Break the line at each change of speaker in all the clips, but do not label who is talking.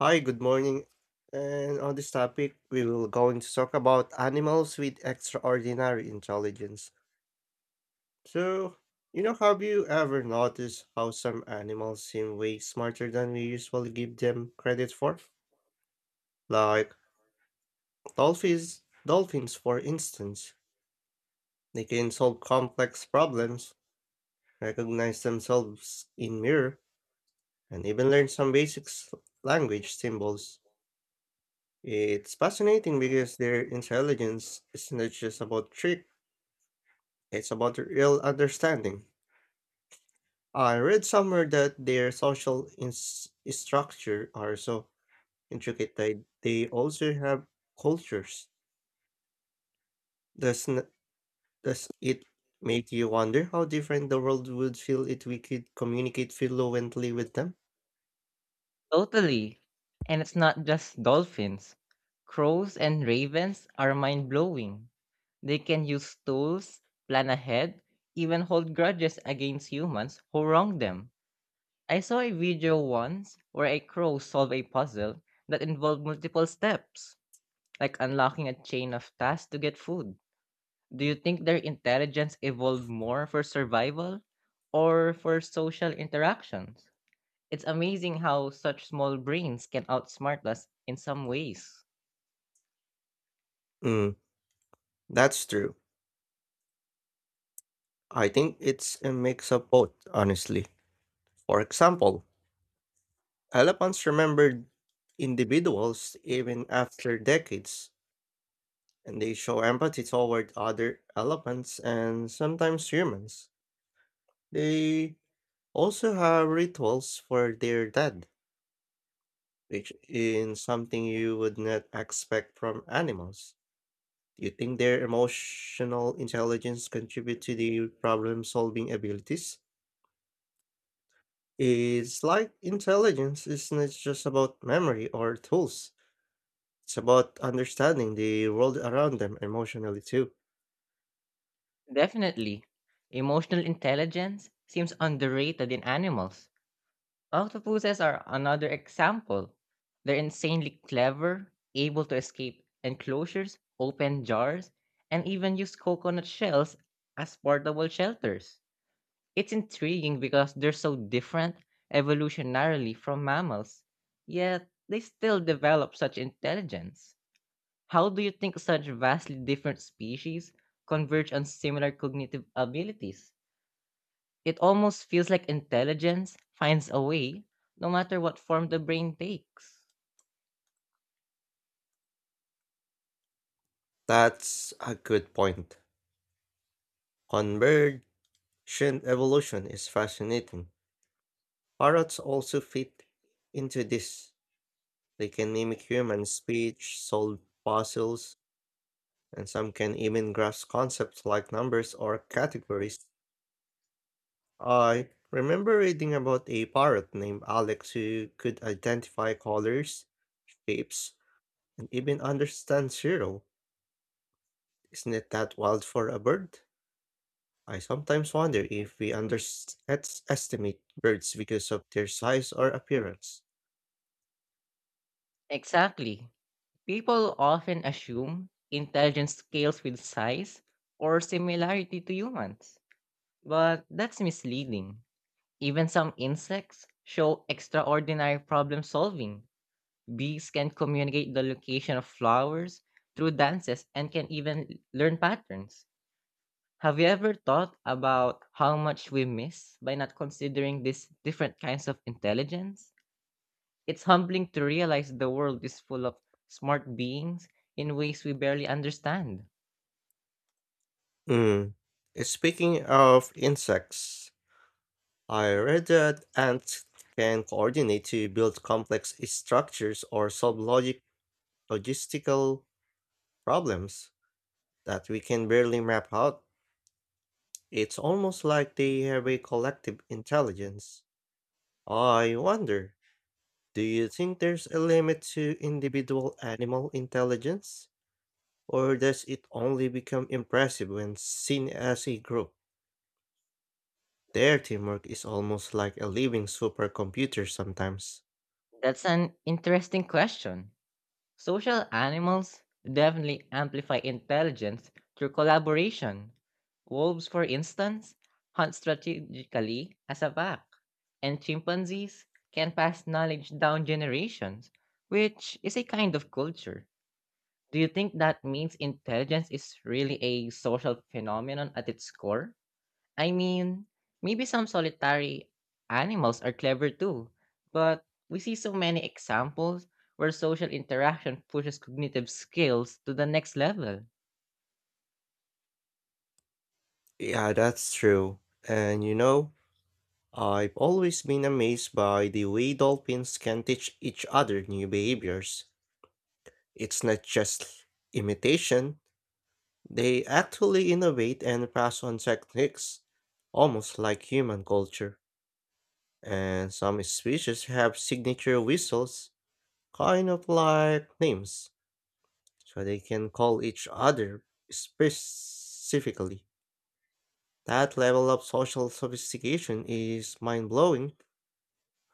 Hi, good morning. And on this topic, we will going to talk about animals with extraordinary intelligence. So, have you ever noticed how some animals seem way smarter than we usually give them credit for? Like dolphins, for instance, they can solve complex problems, recognize themselves in mirror, and even learn some basic language symbols. It's fascinating because their intelligence is not just about trick, it's about real understanding. I read somewhere that their social structure are so intricate that they also have cultures. Does, n- does it make you wonder how different the world would feel if we could communicate fluently with them?
Totally. And it's not just dolphins. Crows and ravens are mind blowing. They can use tools, plan ahead, even hold grudges against humans who wrong them. I saw a video once where a crow solved a puzzle that involved multiple steps, like unlocking a chain of tasks to get food. Do you think their intelligence evolved more for survival or for social interactions? It's amazing how such small brains can outsmart us in some ways.
Mm, that's true. I think it's a mix of both, honestly. For example, elephants remember individuals even after decades, and they show empathy toward other elephants and sometimes humans. They also have rituals for their dead, which is something you would not expect from animals. Do you think their emotional intelligence contribute to their problem-solving abilities? It's like intelligence is not just about memory or tools. It's about understanding the world around them emotionally too.
Definitely. Emotional intelligence seems underrated in animals. Octopuses are another example. They're insanely clever, able to escape enclosures, open jars, and even use coconut shells as portable shelters. It's intriguing because they're so different evolutionarily from mammals, yet they still develop such intelligence. How do you think such vastly different species converge on similar cognitive abilities? It almost feels like intelligence finds a way, no matter what form the brain takes.
That's a good point. Convergent evolution is fascinating. Parrots also fit into this. They can mimic human speech, solve puzzles, and some can even grasp concepts like numbers or categories. I remember reading about a parrot named Alex who could identify colors, shapes, and even understand zero. Isn't it that wild for a bird? I sometimes wonder if we underestimate birds because of their size or appearance.
Exactly. People often assume intelligence scales with size or similarity to humans, but that's misleading. Even some insects show extraordinary problem solving. Bees can communicate the location of flowers through dances and can even learn patterns. Have you ever thought about how much we miss by not considering these different kinds of intelligence? It's humbling to realize the world is full of smart beings in ways we barely understand.
Mm. Speaking of insects, I read that ants can coordinate to build complex structures or solve logic logistical problems that we can barely map out. It's almost like they have a collective intelligence. I wonder, do you think there's a limit to individual animal intelligence? Or does it only become impressive when seen as a group? Their teamwork is almost like a living supercomputer sometimes.
That's an interesting question. Social animals definitely amplify intelligence through collaboration. Wolves, for instance, hunt strategically as a pack, and chimpanzees can pass knowledge down generations, which is a kind of culture. Do you think that means intelligence is really a social phenomenon at its core? I mean, maybe some solitary animals are clever too, but we see so many examples where social interaction pushes cognitive skills to the next level.
Yeah, that's true. And you know, I've always been amazed by the way dolphins can teach each other new behaviors. It's not just imitation, they actually innovate and pass on techniques, almost like human culture. And some species have signature whistles, kind of like names, so they can call each other specifically. That level of social sophistication is mind blowing.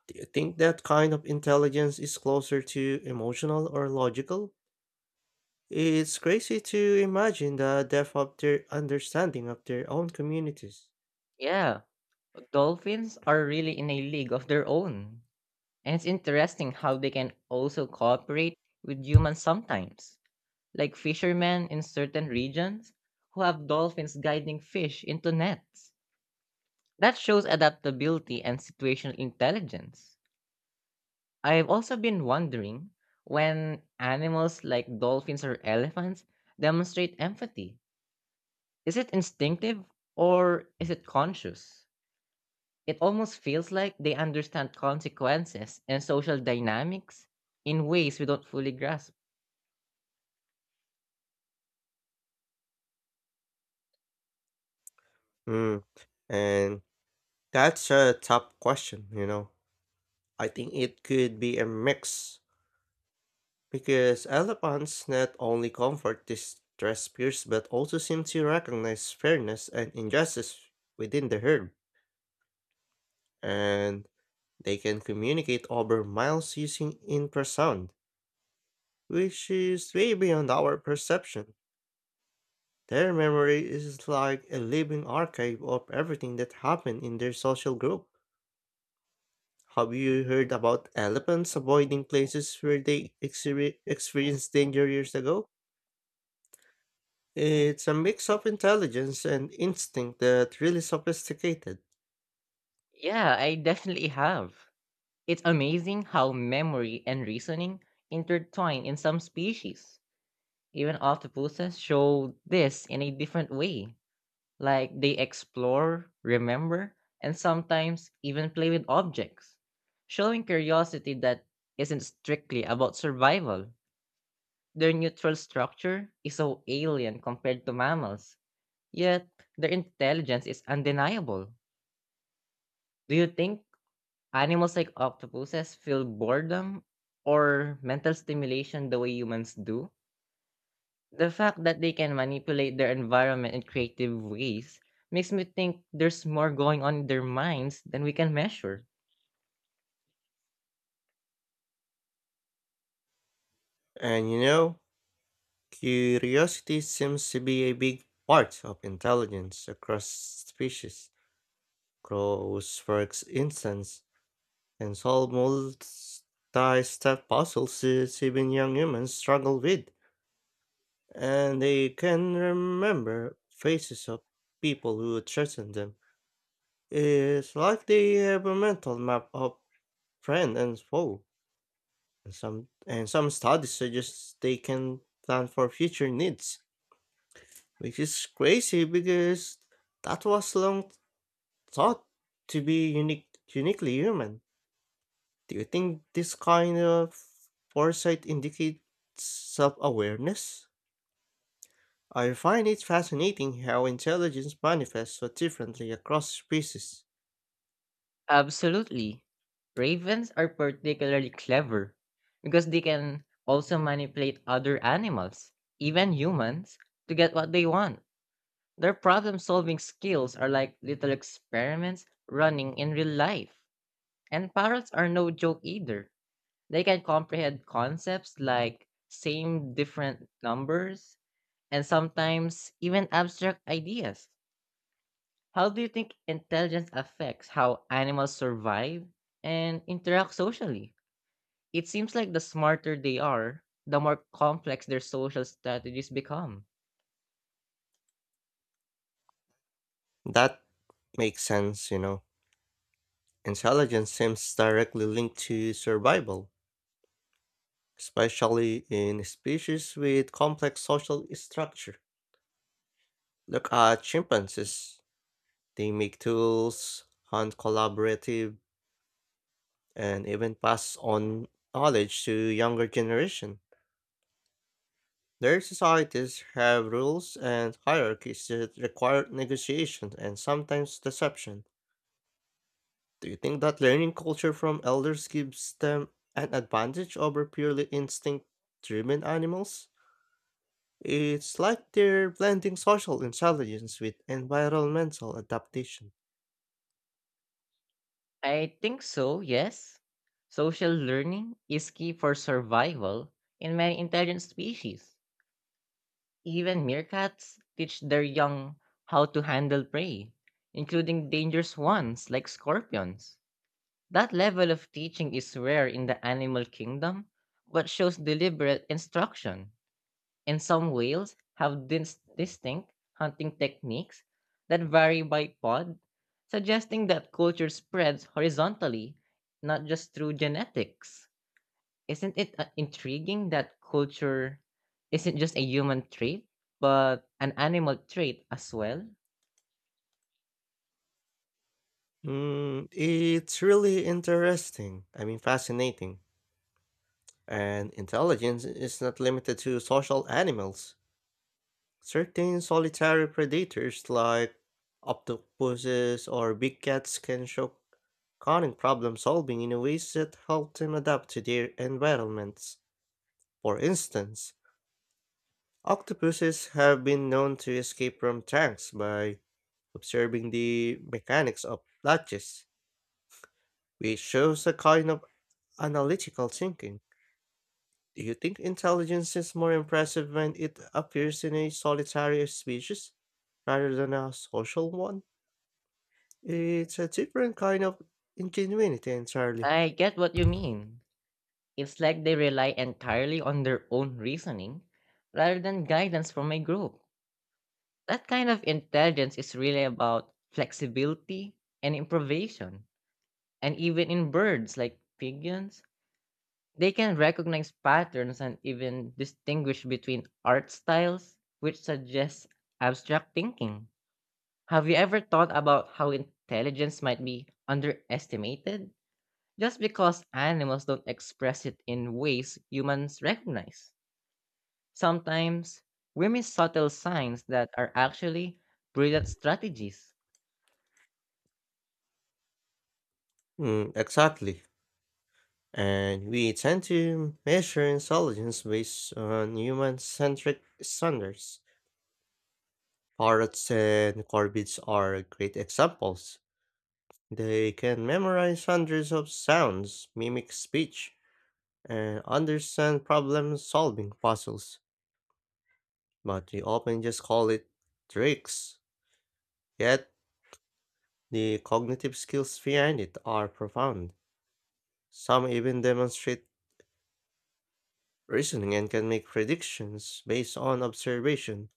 Do you think that kind of intelligence is closer to emotional or logical? It's crazy to imagine the depth of their understanding of their own communities.
Yeah, dolphins are really in a league of their own. And it's interesting how they can also cooperate with humans sometimes, like fishermen in certain regions who have dolphins guiding fish into nets. That shows adaptability and situational intelligence. I've also been wondering when animals like dolphins or elephants demonstrate empathy. Is it instinctive or is it conscious? It almost feels like they understand consequences and social dynamics in ways we don't fully grasp.
Mm, and that's a tough question. I think it could be a mix, because elephants not only comfort distressed peers but also seem to recognize fairness and injustice within the herd, and they can communicate over miles using infrasound, which is way beyond our perception. Their memory is like a living archive of everything that happened in their social group. Have you heard about elephants avoiding places where they experienced danger years ago? It's a mix of intelligence and instinct that's really sophisticated.
Yeah, I definitely have. It's amazing how memory and reasoning intertwine in some species. Even octopuses show this in a different way. Like they explore, remember, and sometimes even play with objects, showing curiosity that isn't strictly about survival. Their neutral structure is so alien compared to mammals, yet their intelligence is undeniable. Do you think animals like octopuses feel boredom or mental stimulation the way humans do? The fact that they can manipulate their environment in creative ways makes me think there's more going on in their minds than we can measure.
And you know, curiosity seems to be a big part of intelligence across species. Crows, for instance, can solve multi-step puzzles that even young humans struggle with. And they can remember faces of people who threaten them. It's like they have a mental map of friend and foe. And some studies suggest they can plan for future needs, which is crazy because that was long thought to be uniquely human. Do you think this kind of foresight indicates self-awareness? I find it fascinating how intelligence manifests so differently across species.
Absolutely. Ravens are particularly clever because they can also manipulate other animals, even humans, to get what they want. Their problem solving skills are like little experiments running in real life. And parrots are no joke either. They can comprehend concepts like same different numbers and sometimes even abstract ideas. How do you think intelligence affects how animals survive and interact socially? It seems like the smarter they are, the more complex their social strategies become.
That makes sense. Intelligence seems directly linked to survival, especially in species with complex social structure. Look at chimpanzees. They make tools, hunt collaborative, and even pass on knowledge to younger generation. Their societies have rules and hierarchies that require negotiation and sometimes deception. Do you think that learning culture from elders gives them an advantage over purely instinct driven animals? It's like they're blending social intelligence with environmental adaptation.
I think so, yes. Social learning is key for survival in many intelligent species. Even meerkats teach their young how to handle prey, including dangerous ones like scorpions. That level of teaching is rare in the animal kingdom, but shows deliberate instruction. And some whales have distinct hunting techniques that vary by pod, suggesting that culture spreads horizontally, not just through genetics. Isn't it intriguing that culture isn't just a human trait, but an animal trait as well?
Mm, it's really interesting. I mean, fascinating. And intelligence is not limited to social animals. Certain solitary predators like octopuses or big cats can show cunning problem solving in ways that help them adapt to their environments. For instance, octopuses have been known to escape from tanks by observing the mechanics of latches, which shows a kind of analytical thinking. Do you think intelligence is more impressive when it appears in a solitary species rather than a social one? It's a different kind of ingenuity entirely.
I get what you mean. It's like they rely entirely on their own reasoning rather than guidance from a group. That kind of intelligence is really about flexibility and improvisation. And even in birds like pigeons, they can recognize patterns and even distinguish between art styles, which suggests abstract thinking. Have you ever thought about how intelligence might be underestimated just because animals don't express it in ways humans recognize? Sometimes we miss subtle signs that are actually brilliant strategies.
Mm, exactly. And we tend to measure intelligence based on human centric standards. Parrots and corvids are great examples. They can memorize hundreds of sounds, mimic speech, and understand problem solving puzzles, but we often just call it tricks. Yet, the cognitive skills behind it are profound. Some even demonstrate reasoning and can make predictions based on observation.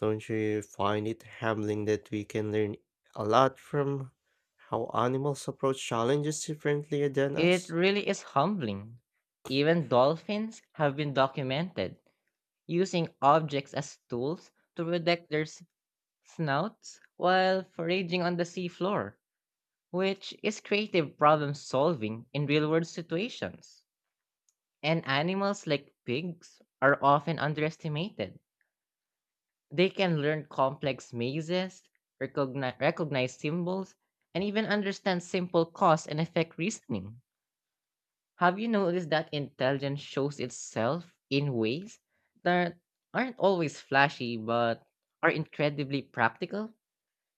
Don't you find it humbling that we can learn a lot from how animals approach challenges differently than
It
us?
really is humbling. Even dolphins have been documented using objects as tools to protect their snouts while foraging on the seafloor, which is creative problem solving in real world situations. And animals like pigs are often underestimated. They can learn complex mazes, recognize symbols, and even understand simple cause and effect reasoning. Have you noticed that intelligence shows itself in ways that aren't always flashy but are incredibly practical?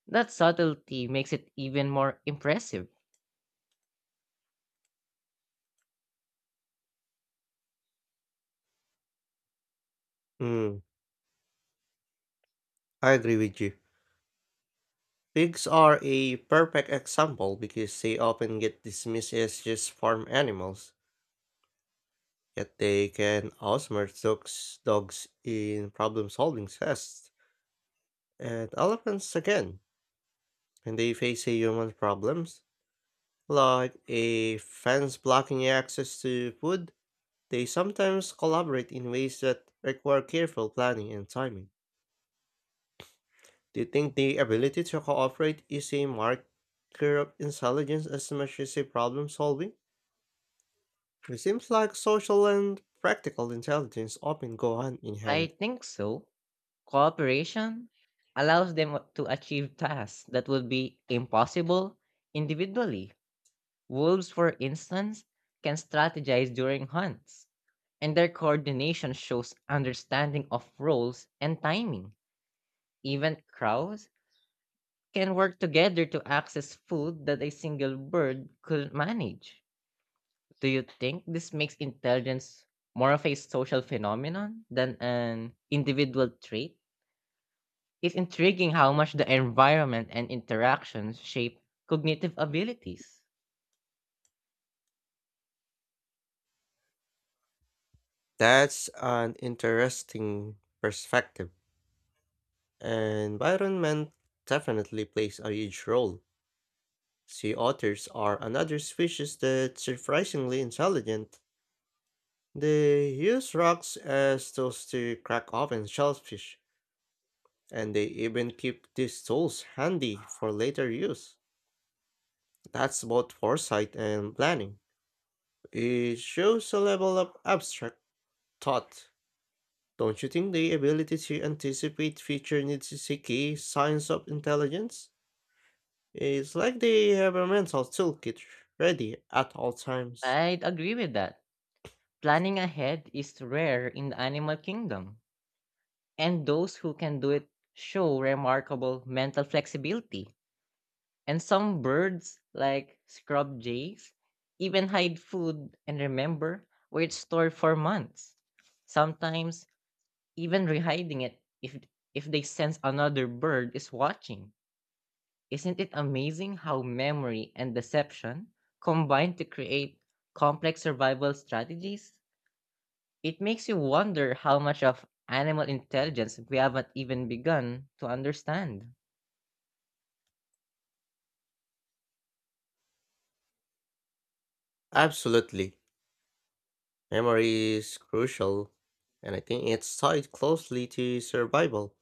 That subtlety makes it even more impressive.
Mm, I agree with you. Pigs are a perfect example because they often get dismissed as just farm animals, yet they can outsmart dogs in problem solving tests. And elephants, again, when they face a human problems, like a fence blocking access to food, they sometimes collaborate in ways that require careful planning and timing. Do you think the ability to cooperate is a marker of intelligence as much as a problem solving? It seems like social and practical intelligence often go hand in
I
hand.
think so. Cooperation allows them to achieve tasks that would be impossible individually. Wolves, for instance, can strategize during hunts, and their coordination shows understanding of roles and timing. Even crows can work together to access food that a single bird couldn't manage. Do you think this makes intelligence more of a social phenomenon than an individual trait? It's intriguing how much the environment and interactions shape cognitive abilities.
That's an interesting perspective. Environment definitely plays a huge role. Sea otters are another species that's surprisingly intelligent. They use rocks as tools to crack open shellfish, and they even keep these tools handy for later use. That's both foresight and planning. It shows a level of abstract thought. Don't you think the ability to anticipate future needs is a key science of intelligence? It's like they have a mental toolkit ready at all times.
I'd agree with that. Planning ahead is rare in the animal kingdom, and those who can do it show remarkable mental flexibility. And some birds, like scrub jays, even hide food and remember where it's stored for months. Sometimes even rehiding it if they sense another bird is watching. Isn't it amazing how memory and deception combine to create complex survival strategies? It makes you wonder how much of animal intelligence we haven't even begun to understand.
Absolutely. Memory is crucial, and I think it's tied closely to survival.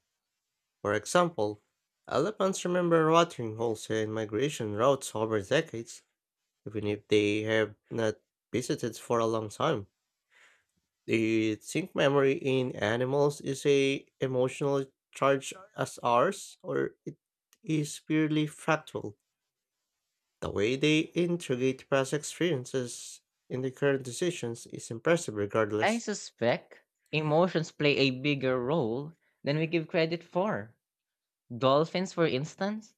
For example, elephants remember watering holes and migration routes over decades, even if they have not visited for a long time. Do you think memory in animals is a emotional charge as ours, or it is purely factual? The way they integrate past experiences in their current decisions is impressive
I
regardless.
suspect emotions play a bigger role than we give credit for. Dolphins, for instance,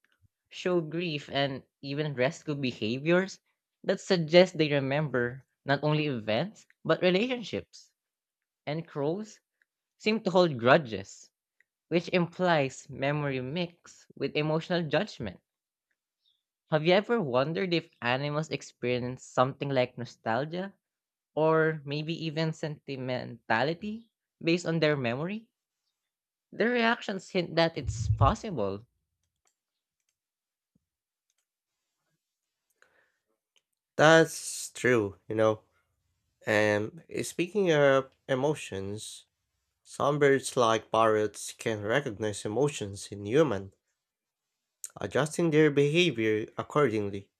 show grief and even rescue behaviors that suggest they remember not only events but relationships. And crows seem to hold grudges, which implies memory mixed with emotional judgment. Have you ever wondered if animals experience something like nostalgia or maybe even sentimentality based on their memory? Their reactions hint that it's possible.
That's true. And speaking of emotions, some birds like parrots can recognize emotions in human, adjusting their behavior accordingly.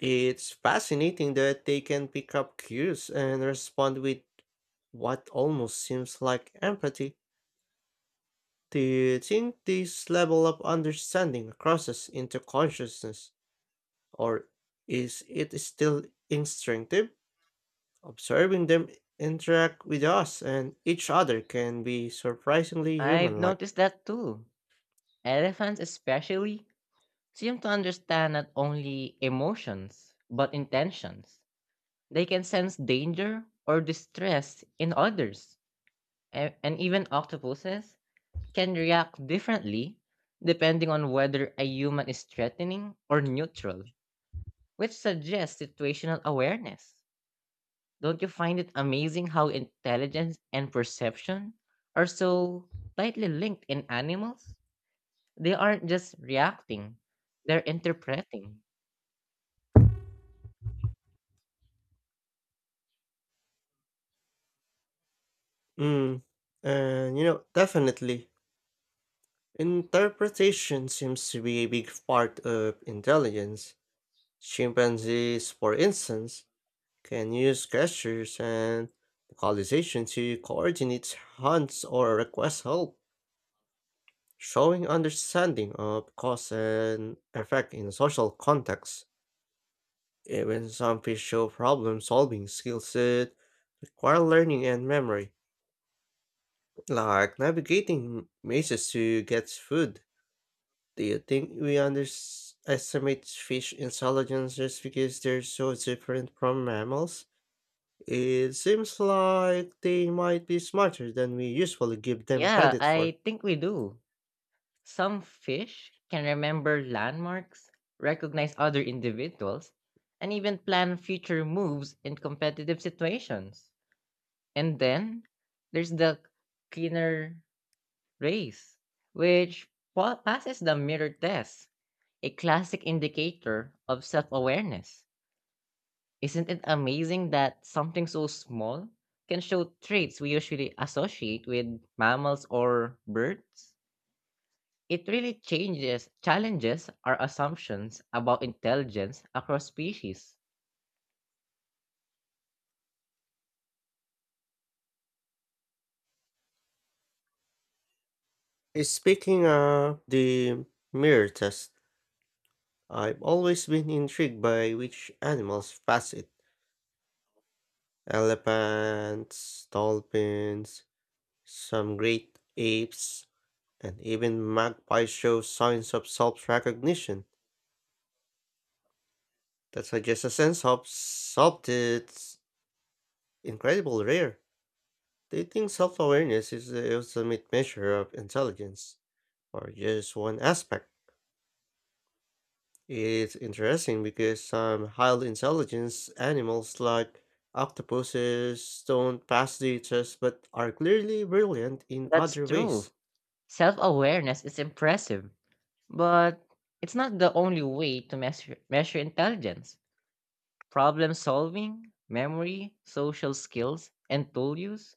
It's fascinating that they can pick up cues and respond with what almost seems like empathy. Do you think this level of understanding crosses into consciousness, or is it still instinctive? Observing them interact with us and each other can be surprisingly
I've
human like.
noticed that too. Elephants, especially, seem to understand not only emotions but intentions. They can sense danger or distress in others. And even octopuses can react differently depending on whether a human is threatening or neutral, which suggests situational awareness. Don't you find it amazing how intelligence and perception are so tightly linked in animals? They aren't just reacting, they're interpreting.
Mm, definitely, interpretation seems to be a big part of intelligence. Chimpanzees, for instance, can use gestures and vocalization to coordinate hunts or request help, showing understanding of cause and effect in social contexts. Even some fish show problem solving skills that require learning and memory, like navigating mazes to get food. Do you think we underestimate fish intelligence just because they're so different from mammals? It seems like they might be smarter than we usually give them
Yeah,
credit for.
I think we do. Some fish can remember landmarks, recognize other individuals, and even plan future moves in competitive situations. And then there's the Skinner race, which passes the mirror test, a classic indicator of self awareness. Isn't it amazing that something so small can show traits we usually associate with mammals or birds? It really challenges our assumptions about intelligence across species.
Speaking of the mirror test, I've always been intrigued by which animals pass it. Elephants, dolphins, some great apes, and even magpies show signs of self-recognition that suggests a sense of self that's incredibly rare. They think self-awareness is the ultimate measure of intelligence, or just one aspect. It's interesting because some highly intelligent animals like octopuses don't pass the test but are clearly brilliant in
That's
other
true.
ways.
Self awareness is impressive. But it's not the only way to measure intelligence. Problem solving, memory, social skills, and tool use,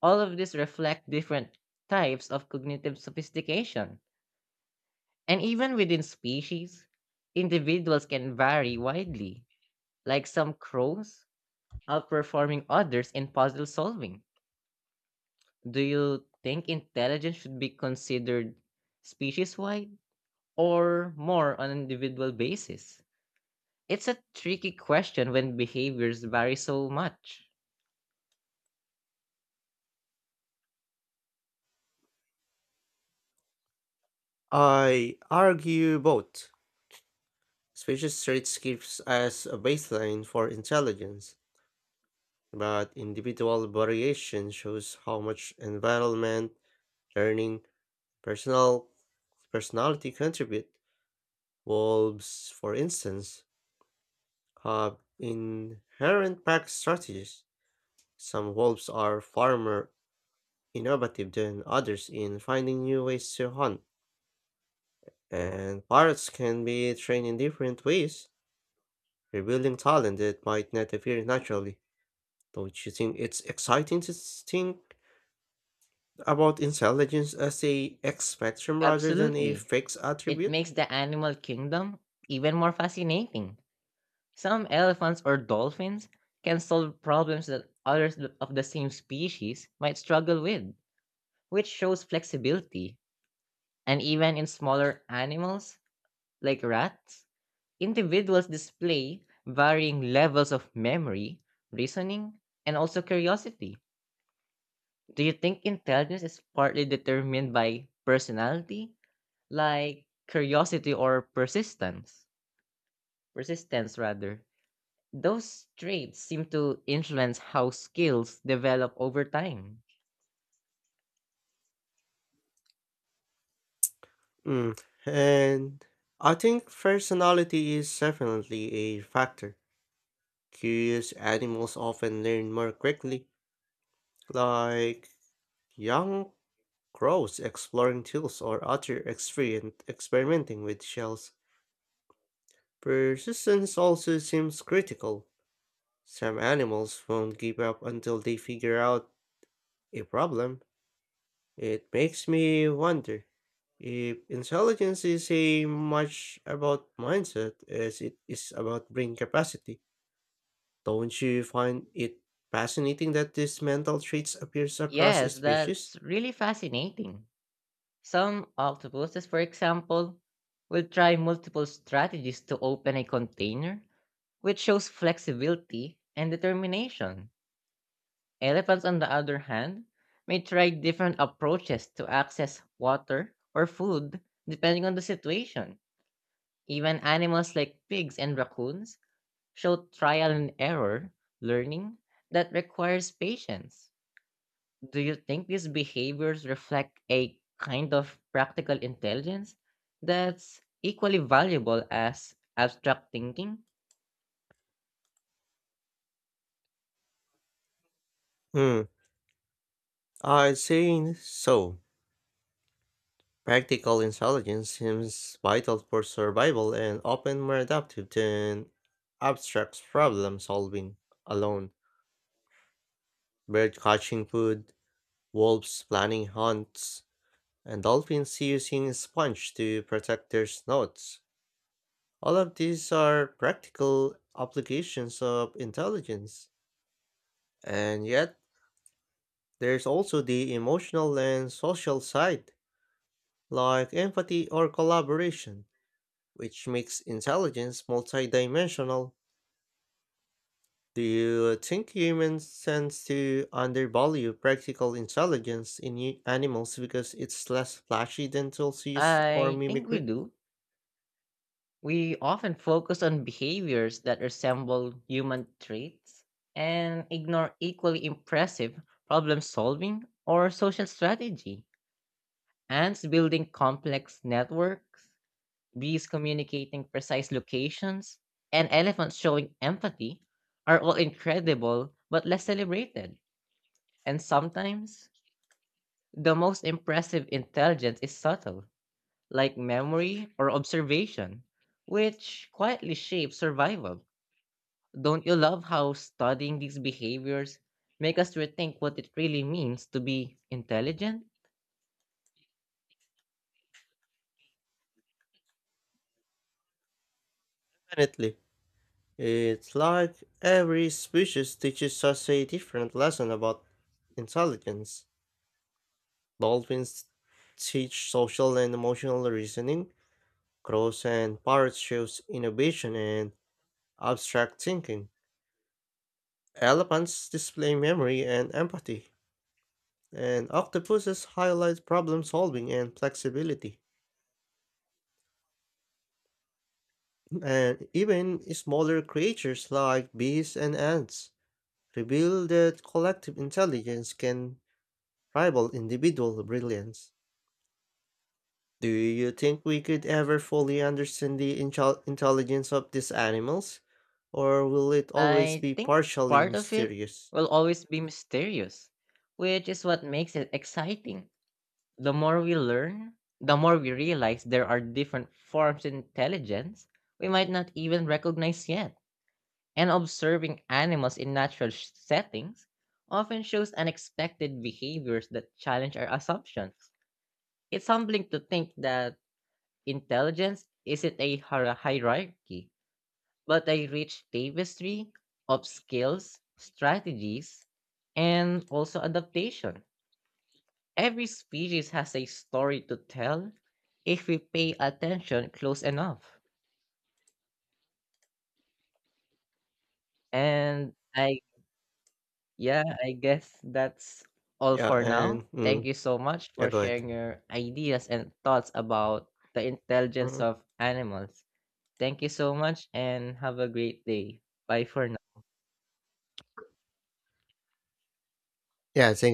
all of these reflect different types of cognitive sophistication. And even within species, individuals can vary widely, like some crows outperforming others in puzzle solving. Do you think intelligence should be considered species wide or more on an individual basis? It's a tricky question when behaviors vary so much.
I argue both. Species traits gives us a baseline for intelligence, but individual variation shows how much environment, learning, personal personality contribute. Wolves, for instance, have inherent pack strategies. Some wolves are far more innovative than others in finding new ways to hunt, and parrots can be trained in different ways, revealing talent that might not appear naturally. Don't you think it's exciting to think about intelligence as a X spectrum rather than a
Absolutely.
fixed
It
attribute?
makes the animal kingdom even more fascinating. Some elephants or dolphins can solve problems that others of the same species might struggle with, which shows flexibility. And even in smaller animals, like rats, individuals display varying levels of memory, reasoning, and also curiosity. Do you think intelligence is partly determined by personality, like curiosity or persistence? Persistence, rather. Those traits seem to influence how skills develop over time.
Mm. And I think personality is definitely a factor. Curious animals often learn more quickly, like young crows exploring tools or other experimenting with shells. Persistence also seems critical. Some animals won't give up until they figure out a problem. It makes me wonder if intelligence is as much about mindset as it is about brain capacity. Don't you find it fascinating that these mental traits appears across
Yes,
species?
that's really fascinating. Some octopuses, for example, will try multiple strategies to open a container, which shows flexibility and determination. Elephants, on the other hand, may try different approaches to access water or food depending on the situation. Even animals like pigs and raccoons show trial and error learning that requires patience. Do you think these behaviors reflect a kind of practical intelligence that's equally valuable as abstract thinking?
Hmm, I'd say so. Practical intelligence seems vital for survival and often more adaptive than abstract problem solving alone. Bird catching food, wolves planning hunts, and dolphins using sponge to protect their snouts. All of these are practical applications of intelligence, and yet there's also the emotional and social side, like empathy or collaboration, which makes intelligence multidimensional. Do you think humans tend to undervalue practical intelligence in animals because it's less flashy than tools use or
I think we
mimicry?
do. We often focus on behaviors that resemble human traits and ignore equally impressive problem solving or social strategy. Ants building complex networks, bees communicating precise locations, and elephants showing empathy are all incredible but less celebrated. And sometimes, the most impressive intelligence is subtle, like memory or observation, which quietly shapes survival. Don't you love how studying these behaviors make us rethink what it really means to be intelligent?
Definitely. It's like every species teaches us a different lesson about intelligence. Dolphins teach social and emotional reasoning, crows and parrots shows innovation and abstract thinking. Elephants display memory and empathy. And octopuses highlight problem solving and flexibility. And even smaller creatures like bees and ants reveal that collective intelligence can rival individual brilliance. Do you think we could ever fully understand the intelligence of these animals? Or will it always
I
be
think
partially
part of it
mysterious?
will always be mysterious, which is what makes it exciting. The more we learn, the more we realize there are different forms of intelligence we might not even recognize yet. And observing animals in natural settings often shows unexpected behaviors that challenge our assumptions. It's humbling to think that intelligence isn't a hierarchy, but a rich tapestry of skills, strategies, and also adaptation. Every species has a story to tell if we pay attention close enough. And I, yeah, I guess that's all
Yeah,
for now.
and
Thank you so much
yeah,
for
go ahead.
sharing your ideas and thoughts about the intelligence
Mhm.
of animals. Thank you so much and have a great day. Bye for
Yeah, thank